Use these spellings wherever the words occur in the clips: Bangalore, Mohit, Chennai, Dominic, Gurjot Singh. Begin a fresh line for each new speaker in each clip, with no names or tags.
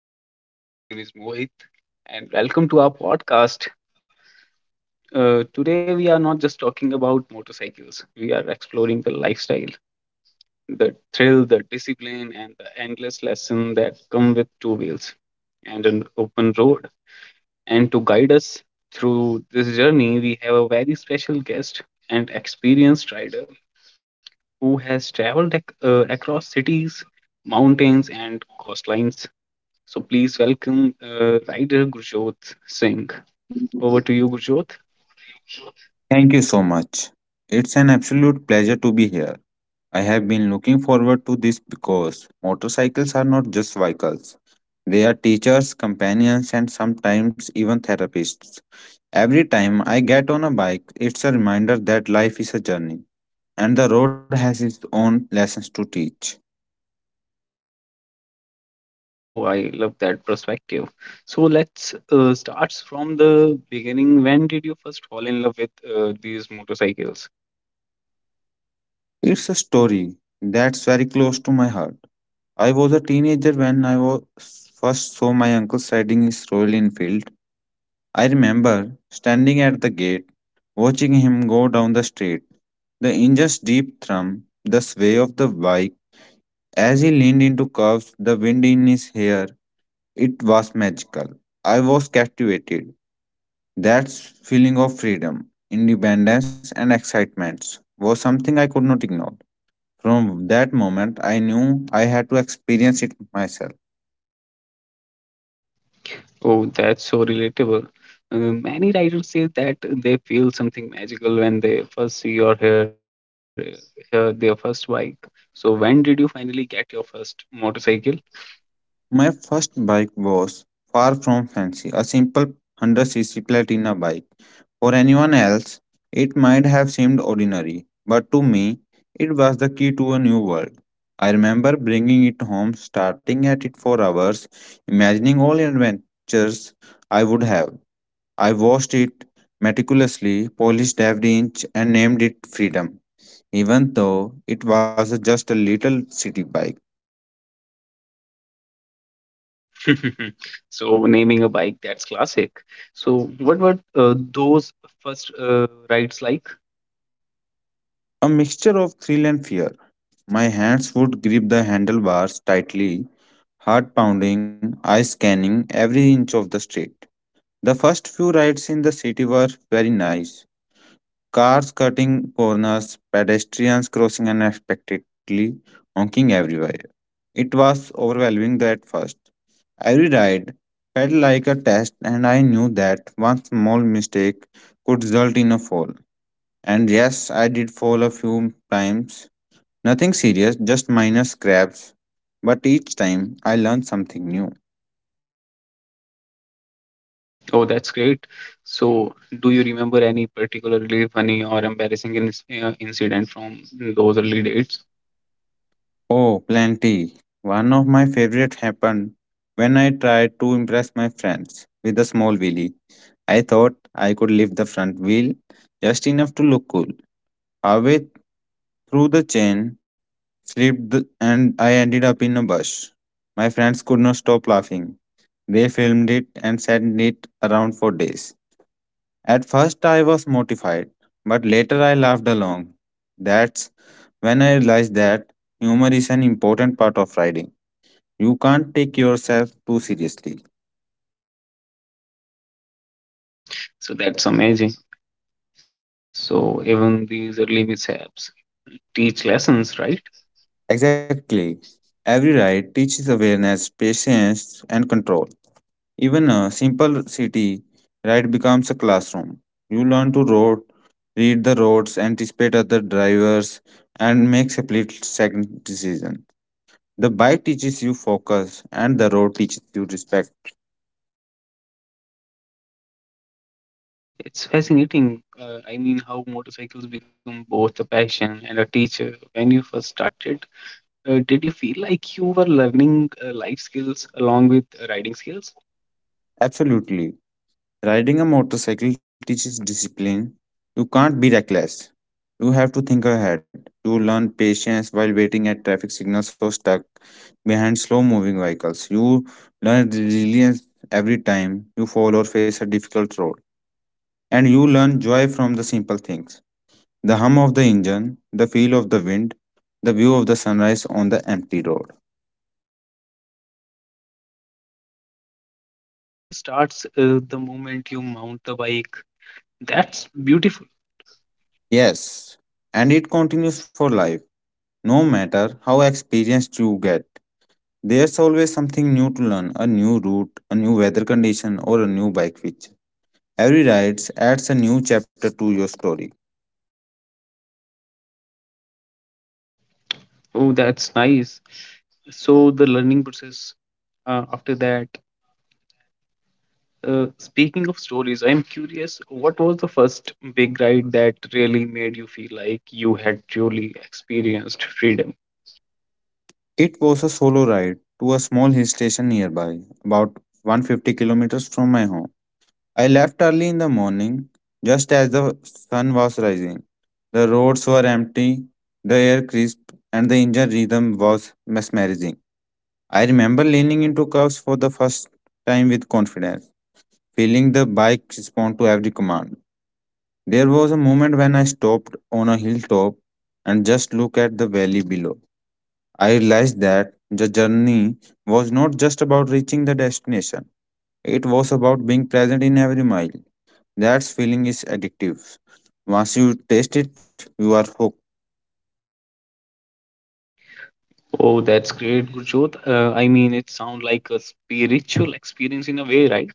hi everyone, my name is Mohit, and welcome to our podcast. Today, we are not just talking about motorcycles, we are exploring the lifestyle, the thrill, the discipline, and the endless lesson that come with two wheels and an open road. And to guide us through this journey, we have a very special guest and experienced rider who has traveled across cities, mountains, and coastlines. So, please welcome rider Gurjot Singh. Over to you, Gurjot.
Thank you so much. It's an absolute pleasure to be here. I have been looking forward to this because motorcycles are not just vehicles. They are teachers, companions, and sometimes even therapists. Every time I get on a bike, it's a reminder that life is a journey and the road has its own lessons to teach.
Oh, I love that perspective. So let's start from the beginning. When did you first fall in love with these motorcycles?
It's a story that's very close to my heart. I was a teenager when I was first saw my uncle riding his Royal Enfield. I remember standing at the gate, watching him go down the street, the engine's deep thrum, the sway of the bike as he leaned into curves, the wind in his hair. It was magical. I was captivated. That feeling of freedom, independence, and excitement was something I could not ignore. From that moment, I knew I had to experience it myself.
Oh, that's so relatable. Many riders say that they feel something magical when they first see or hear their first bike. So when did you finally get your first motorcycle?
My first bike was far from fancy, a simple 100cc Platina bike. For anyone else, it might have seemed ordinary, but to me, it was the key to a new world. I remember bringing it home, starting at it for hours, imagining all the adventures I would have. I washed it meticulously, polished every inch, and named it Freedom, even though it was just a little city bike.
So naming a bike, that's classic. So what were those first rides like?
A mixture of thrill and fear. My hands would grip the handlebars tightly, heart pounding, eyes scanning every inch of the street. The first few rides in the city were very nice. Cars cutting corners, pedestrians crossing unexpectedly, honking everywhere. It was overwhelming at first. Every ride felt like a test, and I knew that one small mistake could result in a fall. And yes, I did fall a few times. Nothing serious, just minor scrapes, but each time I learn something new.
Oh, that's great. So, do you remember any particularly funny or embarrassing incident from those early dates?
Oh, plenty. One of my favorite happened when I tried to impress my friends with a small wheelie. I thought I could lift the front wheel just enough to look cool. Halfway through, the chain slipped and I ended up in a bush. My friends could not stop laughing. They filmed it and sent it around for days. At first, I was mortified, but later I laughed along. That's when I realized that humor is an important part of riding. You can't take yourself too seriously.
So, that's amazing. So, even these early mishaps teach lessons, right?
Exactly. Every ride teaches awareness, patience, and control. Even a simple city ride becomes a classroom. You learn to road, Read the roads, anticipate other drivers, and make split second decisions. The bike teaches you focus, and the road teaches you respect.
It's fascinating. I mean, how motorcycles become both a passion and a teacher. When you first started, did you feel like you were learning life skills along with riding skills?
Absolutely. Riding a motorcycle teaches discipline. You can't be reckless. You have to think ahead. You learn patience while waiting at traffic signals or stuck behind slow moving vehicles. You learn resilience every time you fall or face a difficult road. And you learn joy from the simple things: the hum of the engine, the feel of the wind, the view of the sunrise on the empty road.
So, the learning process starts the moment you mount the bike. That's beautiful.
Yes, and it continues for life. No matter how experienced you get, there's always something new to learn: a new route, a new weather condition, or a new bike feature. Every ride adds a new chapter to your story.
Oh, that's nice. So the learning process after that. Speaking of stories, I'm curious, what was the first big ride that really made you feel like you had truly experienced freedom?
It was a solo ride to a small hill station nearby, about 150 kilometers from my home. I left early in the morning, just as the sun was rising. The roads were empty, the air crisp, and the engine rhythm was mesmerizing. I remember leaning into curves for the first time with confidence, feeling the bike respond to every command. There was a moment when I stopped on a hilltop and just looked at the valley below. I realized that the journey was not just about reaching the destination, it was about being present in every mile. That feeling is addictive. Once you taste it, you are hooked.
Oh, that's great, Gurjot. I mean, it sounds like a spiritual experience in a way, right?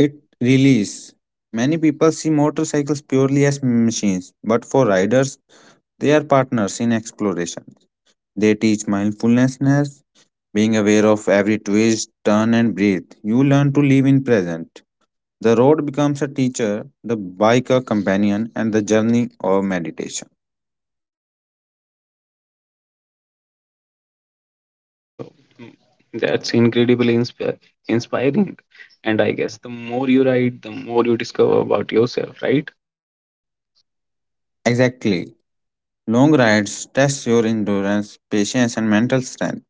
It really is. Many people see motorcycles purely as machines, but for riders, they are partners in exploration. They teach mindfulness, being aware of every twist, turn, and breath. You learn to live in present. The road becomes a teacher, the bike a companion, and the journey a meditation.
Oh, mm, that's incredibly inspiring. And I guess the more you ride, the more you discover about yourself, right?
Exactly. Long rides test your endurance, patience, and mental strength.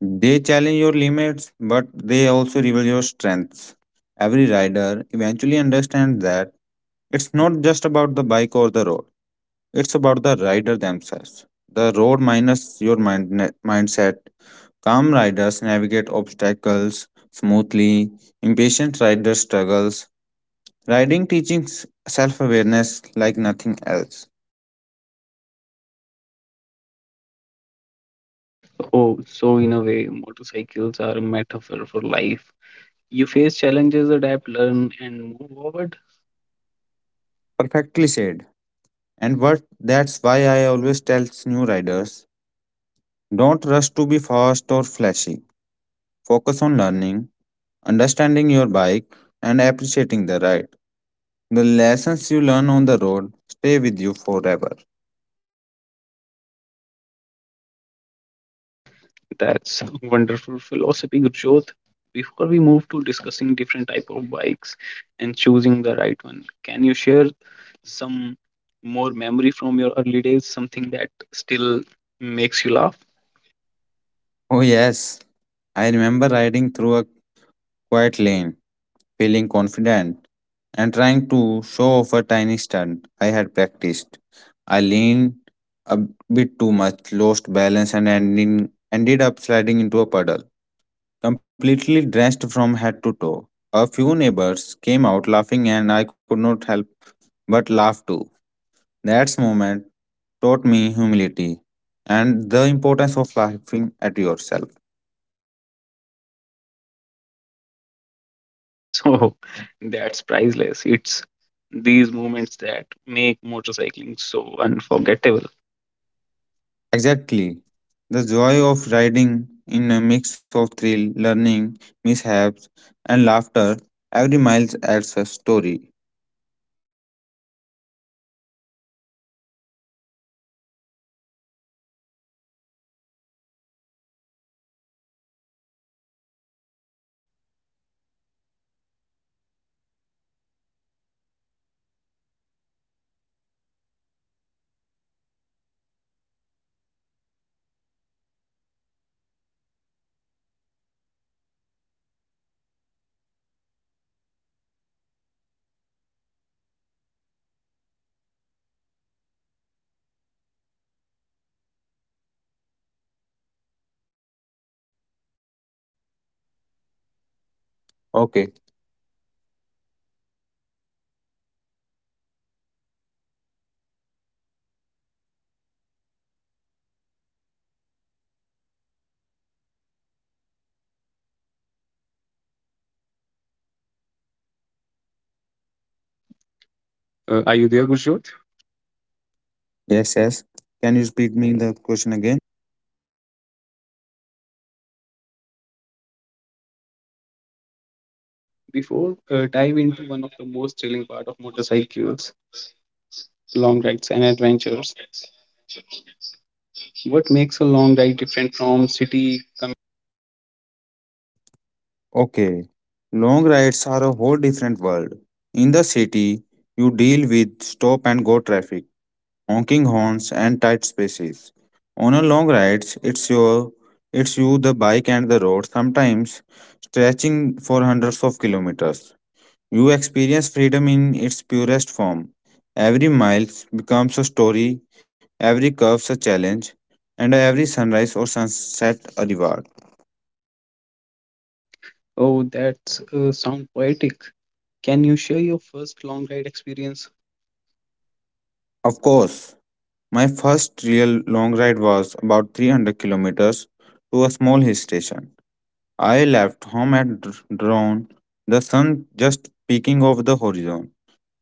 They challenge your limits, but they also reveal your strengths. Every rider eventually understands that it's not just about the bike or the road, it's about the rider themselves. The road minus your mindset. Calm riders navigate obstacles smoothly, impatient riders struggles. Riding teaches self awareness like nothing else.
Oh, so in a way, motorcycles are a metaphor for life. You face challenges, adapt, learn, and move forward.
Perfectly said. And what That's why I always tell new riders, don't rush to be fast or flashy. Focus on learning, understanding your bike, and appreciating the ride. The lessons you learn on the road stay with you forever.
That's a wonderful philosophy, Gurjot. Before we move to discussing different type of bikes and choosing the right one, can you share some more memory from your early days, something that still makes you laugh?
Oh, yes. I remember riding through a quite lane, feeling confident and trying to show off a tiny stunt I had practiced. I leaned a bit too much, lost balance, and ended up sliding into a puddle, completely drenched from head to toe. A few neighbors came out laughing, and I could not help but laugh too. That moment taught me humility and the importance of laughing at yourself.
So that's priceless. It's these moments that make motorcycling so unforgettable.
Exactly. The joy of riding in a mix of thrill, learning, mishaps, and laughter. Every mile adds a story.
Oh, nice, Gujot. So now let's dive into one of the most thrilling part of motorcycling, long rides and adventures. What makes a long ride different from city commuting?
Okay.
Are you there, Gujot?
Yes, yes. Can you repeat me the question again?
Before dive into one of the most thrilling part of motorcycles, long rides and adventures. What makes a long ride different from city?
Okay. Long rides are a whole different world. In the city, you deal with stop and go traffic, honking horns, and tight spaces. On a long ride, it's your it's you, the bike, and the road, sometimes stretching for hundreds of kilometers. You experience freedom in its purest form. Every mile becomes a story, every curve a challenge, and every sunrise or sunset a reward.
Oh, that's sound poetic. Can you share your first long ride experience?
Of course, my first real long ride was about 300 kilometers to a small hill station. I left home at dawn, the sun just peeking over the horizon.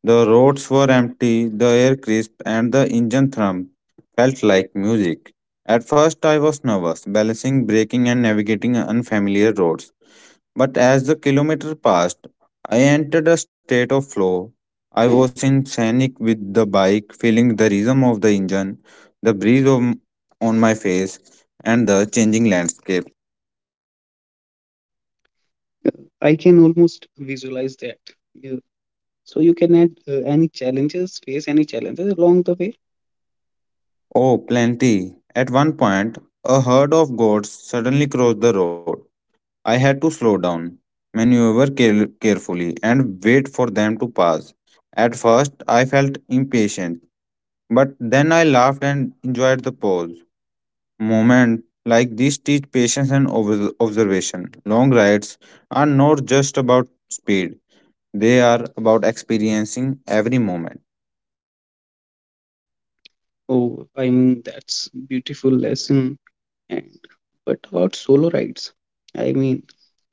The roads were empty, the air crisp, and the engine thrum felt like music. At first, I was nervous, balancing braking and navigating unfamiliar roads. But as the kilometer passed, I entered a state of flow. I was in sync with the bike, feeling the rhythm of the engine, the breeze of, on my face, and the changing landscape.
I can almost visualize that. You- So you can add any challenges, face any challenges along the way.
Oh, plenty! At one point, a herd of goats suddenly crossed the road. I had to slow down, maneuver carefully, and wait for them to pass. At first, I felt impatient, but then I laughed and enjoyed the pause. Moments like these teach patience and observation. Long rides are not just about speed, they are about experiencing every moment.
Oh, I mean that's beautiful lesson. And what about solo rides? I mean,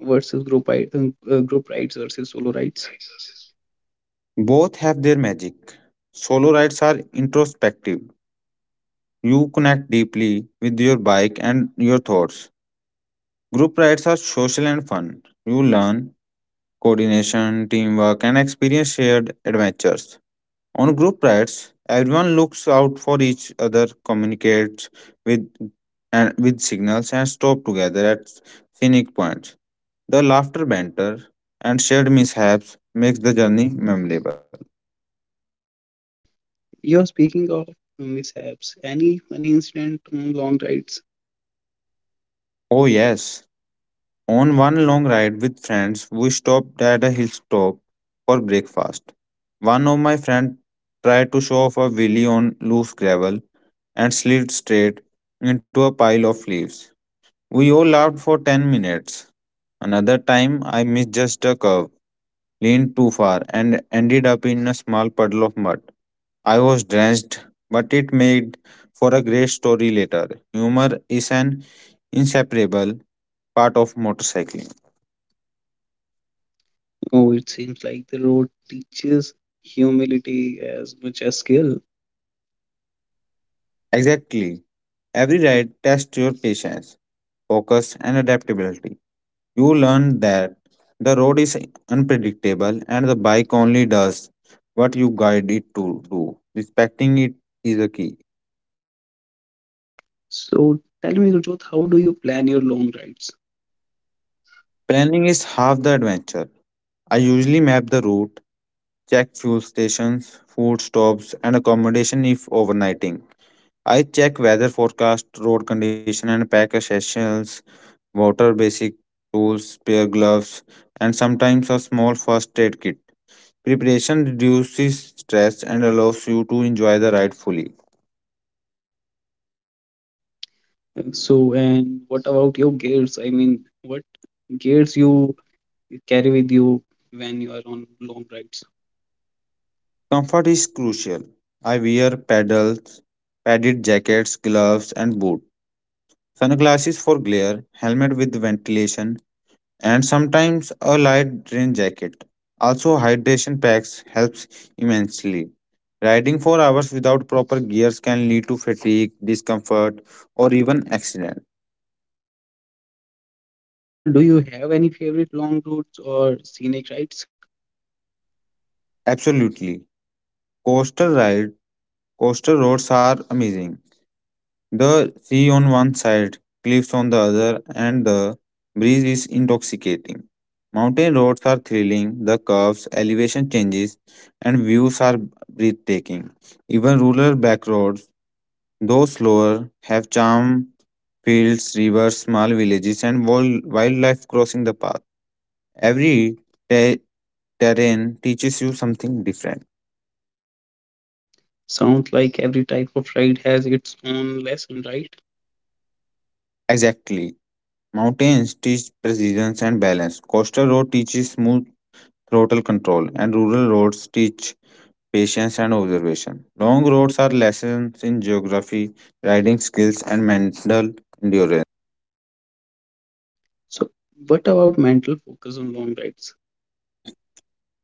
versus group ride, group rides versus solo rides.
Both have their magic. Solo rides are introspective. You connect deeply with your bike and your thoughts. Group rides are social and fun. You learn coordination, teamwork, and experience shared adventures. On group rides, everyone looks out for each other, communicates with with signals, and stop together at scenic points. The laughter, banter, and shared mishaps makes the journey memorable.
You're speaking of mishaps. Any incident on long rides?
Oh yes. On one long ride with friends, we stopped at a hilltop for breakfast. One of my friends tried to show off a wheelie on loose gravel and slid straight into a pile of leaves. We all laughed for 10 minutes. Another time, I misjudged a curve, leaned too far, and ended up in a small puddle of mud. I was drenched, but it made for a great story later. Humor is an inseparable part of motorcycling.
Oh, it seems like the road teaches humility as much as skill.
Exactly. Every ride tests your patience, focus, and adaptability. You learn that the road is unpredictable and the bike only does what you guide it to do. Respecting it is the key.
So tell me, Rajot, how do you plan your long rides?
Planning is half the adventure. I usually map the route, check fuel stations, food stops, and accommodation if overnighting. I check weather forecast, road condition, and pack essentials, water, basic tools, spare gloves, and sometimes a small first aid kit. Preparation reduces stress and allows you to enjoy the ride fully.
So, and what about your gears? I mean, what gears you carry with you when you are on long rides?
Comfort is crucial. I wear pedals, padded jackets, gloves, and boots, sunglasses for glare, helmet with ventilation, and sometimes a light rain jacket. Also, hydration packs helps immensely. Riding for hours without proper gears can lead to fatigue, discomfort, or even accident.
So, do you have any favorite long routes or scenic rides?
Absolutely, coastal ride, coastal roads are amazing. The sea on one side, cliffs on the other, and the breeze is intoxicating. Mountain roads are thrilling, the curves, elevation changes, and views are breathtaking. Even rural back roads, though slower, have charm: fields, rivers, small villages, and wildlife crossing the path. Every te- terrain teaches you something different.
Sounds like every type of ride has its own lesson, right?
Exactly. Mountains teach precision and balance. Coastal road teaches smooth throttle control, and rural roads teach patience and observation. Long roads are lessons in geography, riding skills, and mental endurance.
So, what about mental focus on long rides?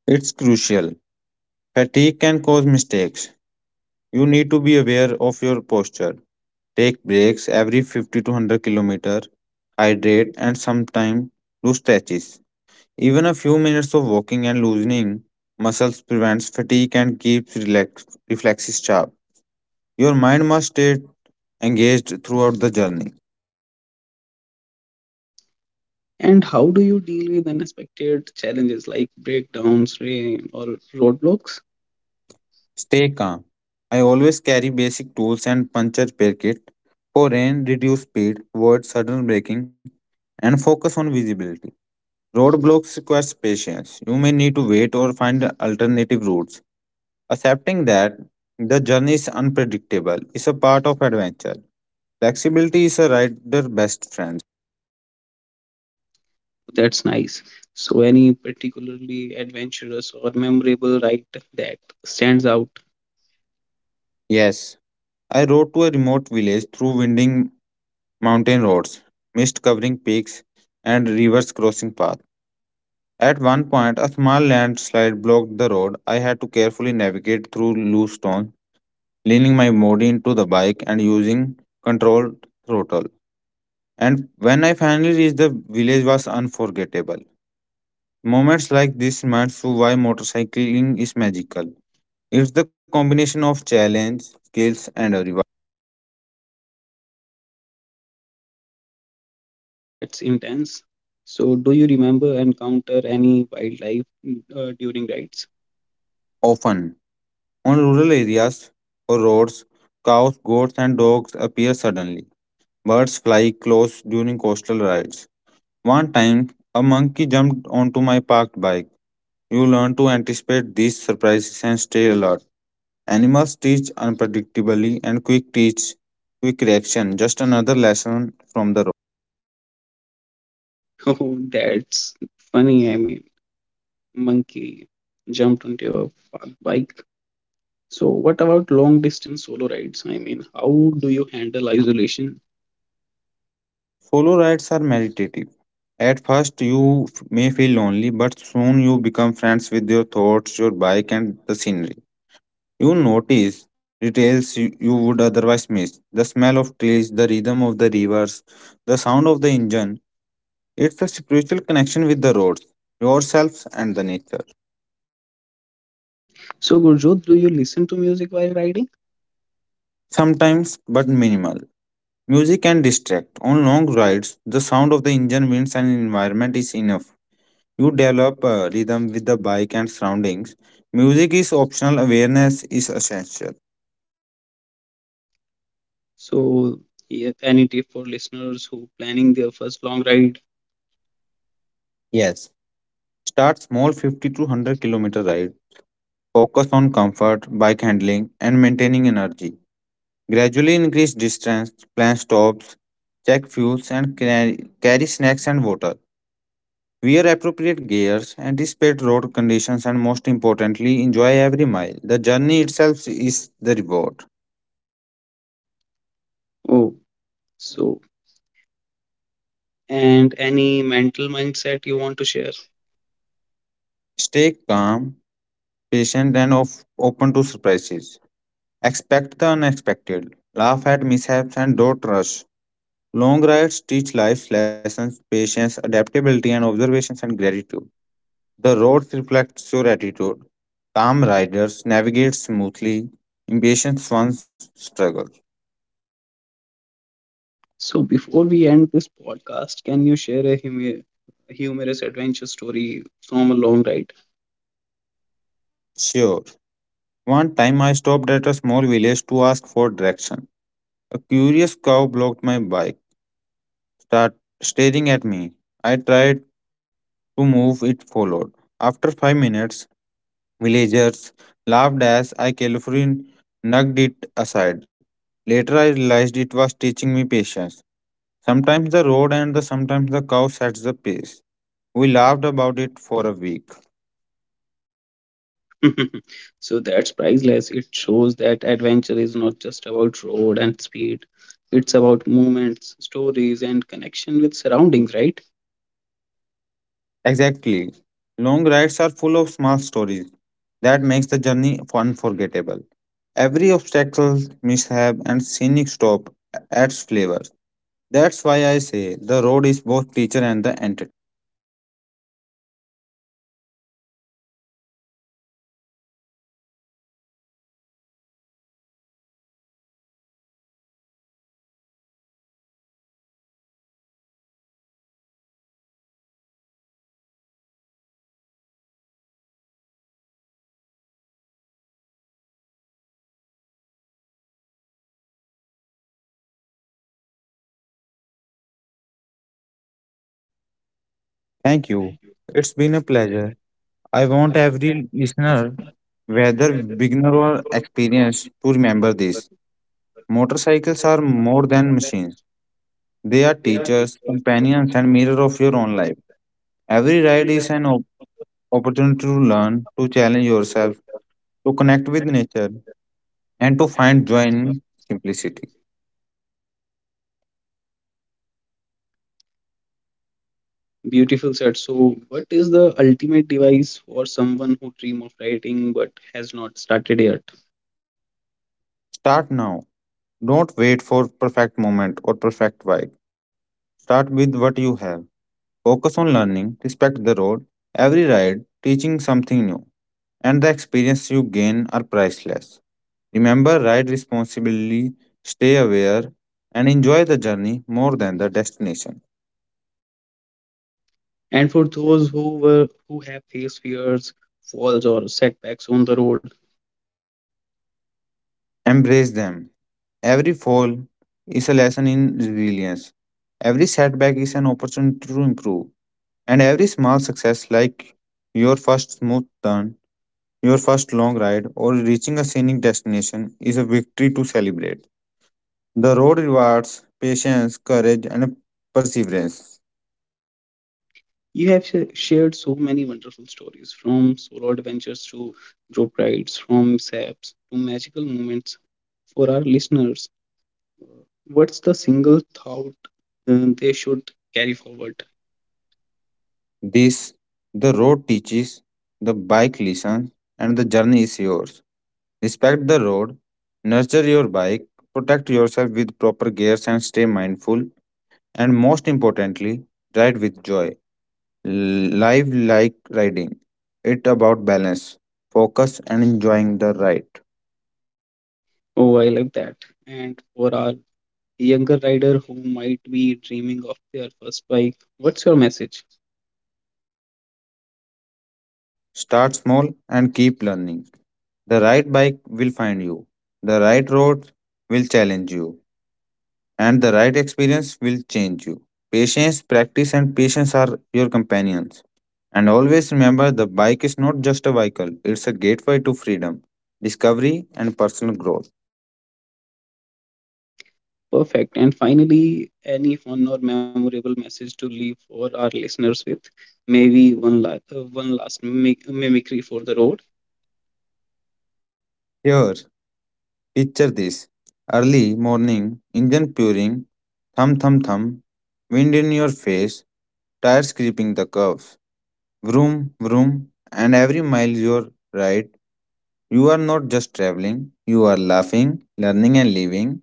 It's crucial. Fatigue can cause mistakes. You need to be aware of your posture. Take breaks every 50 to 100 km, hydrate, and sometimes do stretches. Even a few minutes of walking and loosening muscles prevents fatigue and keeps reflexes sharp. Your mind must stay engaged throughout the journey.
And how do you deal with unexpected challenges like breakdowns, rain, or roadblocks?
Stay calm. I always carry basic tools and puncture packet for rain, reduce speed, avoid sudden braking, and focus on visibility. Roadblocks requires patience. You may need to wait or find alternative routes. Accepting that the journey is unpredictable is a part of adventure. Flexibility is a rider's best friend.
That's nice. So, any particularly adventurous or memorable ride that stands out?
Yes, I rode to a remote village through winding mountain roads, mist covering peaks, and rivers crossing paths. At one point, a small landslide blocked the road. I had to carefully navigate through loose stones, leaning my body into the bike and using controlled throttle. And when I finally reached the village was unforgettable. Moments like this remind you why motorcycling is magical. It's the combination of challenge, skills, and a reward.
Wow, that's intense. So, do you remember encounter any wildlife during rides?
Often, on rural areas or roads, cows, goats, and dogs appear suddenly. Birds fly close during coastal rides. One time, a monkey jumped onto my parked bike. You learn to anticipate these surprises and stay alert. Animals teach unpredictably and quick reaction. Just another lesson from the road.
Oh, that's funny. I mean, monkey jumped onto your bike. So, what about long distance solo rides? I mean, how do you handle isolation?
Solo rides are meditative. At first, you may feel lonely, but soon you become friends with your thoughts, your bike, and the scenery. You notice details you would otherwise miss, the smell of trees, the rhythm of the rivers, the sound of the engine. It's a spiritual connection with the roads, yourselves, and the nature.
So, Gurjot, do you listen to music while riding?
Sometimes, but minimal. Music can distract. On long rides, the sound of the engine, winds, and environment is enough. You develop a rhythm with the bike and surroundings. Music is optional, awareness is essential.
So, yeah, any tip for listeners who planning their first long ride?
Yes, start small, 50 to 100 kilometer ride. Focus on comfort, bike handling, and maintaining energy. Gradually increase distance, plan stops, check fuels, and carry snacks and water. Wear appropriate gears, anticipate road conditions, and most importantly, enjoy every mile. The journey itself is the reward.
Oh, so and any mental mindset you want to share?
Stay calm, patient, and open to surprises. Expect the unexpected. Laugh at mishaps and don't rush. Long rides teach life lessons, patience, adaptability, and observations and gratitude. The road reflects your attitude. Calm riders navigate smoothly, impatient ones struggle.
So, before we end this podcast, can you share a humorous adventure story from a long ride?
Sure. One time I stopped at a small village to ask for direction. A curious cow blocked my bike, start staring at me. I tried to move, it followed. After 5 minutes, villagers laughed as I carefully knocked it aside. Later I realized it was teaching me patience. Sometimes the road and the sometimes the cow sets the pace. We laughed about it for a week.
So, that's priceless. It shows that adventure is not just about road and speed, it's about moments, stories, and connection with surroundings, right?
Exactly. Long rides are full of small stories that makes the journey unforgettable. Every obstacle, mishap, and scenic stop adds flavor. That's why I say the road is both teacher and the entertainer. Thank you. It's been a pleasure. I want every listener, whether beginner or experienced, to remember this. Motorcycles are more than machines. They are teachers, companions, and mirror of your own life. Every ride is an opportunity to learn, to challenge yourself, to connect with nature, and to find joy in simplicity.
Beautiful said. So, what is the ultimate device for someone who dream of writing but has not started yet?
Start now. Don't wait for perfect moment or perfect vibe. Start with what you have. Focus on learning, respect the road, every ride, teaching something new, and the experience you gain are priceless. Remember, ride responsibly, stay aware, and enjoy the journey more than the destination.
And for those who have faced fears, falls, or setbacks on the road,
Embrace them. Every fall is a lesson in resilience. Every setback is an opportunity to improve. And every small success, like your first smooth turn, your first long ride, or reaching a scenic destination, is a victory to celebrate. The road rewards patience, courage, and perseverance.
you have shared so many wonderful stories from solo adventures to group rides, from mishaps to magical moments. For our listeners, what's the single thought they should carry forward?
This, the road teaches, the bike listens, and the journey is yours. Respect the road, nurture your bike, protect yourself with proper gears, and stay mindful, and most importantly, ride with joy. Live like riding. It about balance, focus and enjoying the ride.
Oh, I like that. And for our younger rider who might be dreaming of their first bike, what's your message?
Dream big. Start small and keep learning. The right bike will find you. The right road will challenge you. And the right experience will change you. Patience, practice, and patience are your companions. And always remember the bike is not just a vehicle, it's a gateway to freedom, discovery, and personal growth.
Perfect. And finally, any fun or memorable message to leave for our listeners with? Maybe one last mimicry for the road.
Here, picture this, early morning, engine purring, thump thump thump, wind in your face, tires creeping the curves, vroom vroom, and every mile you ride, you are not just traveling, you are laughing, learning, and living.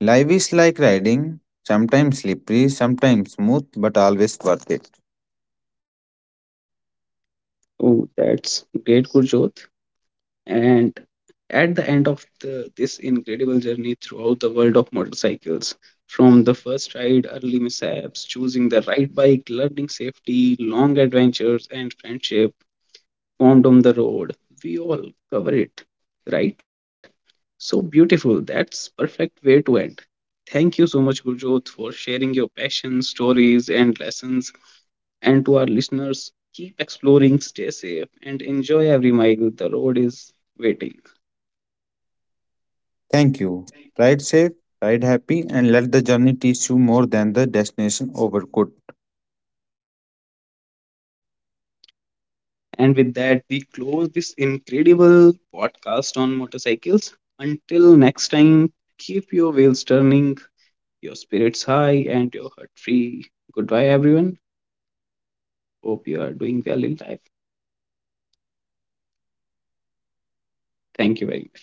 Life is like riding, sometimes slippery, sometimes smooth, but always worth it.
Oh, that's great, Gurjot. And at the end of this incredible journey throughout the world of motorcycles, from the first ride, early mishaps, choosing the right bike, learning safety, long adventures, and friendship formed on the road, we all cover it, right? So beautiful. That's perfect way to end. Thank you so much, Gurjot, for sharing your passion, stories, and lessons. And to our listeners, keep exploring, stay safe, and enjoy every mile. The road is waiting.
Thank you. Ride safe, ride happy, and let the journey teach you more than the destination ever could.
And with that, we close this incredible podcast on motorcycles. Until next time, keep your wheels turning, your spirits high, and your heart free. Goodbye, everyone. Hope you are doing well in life. Thank you very much.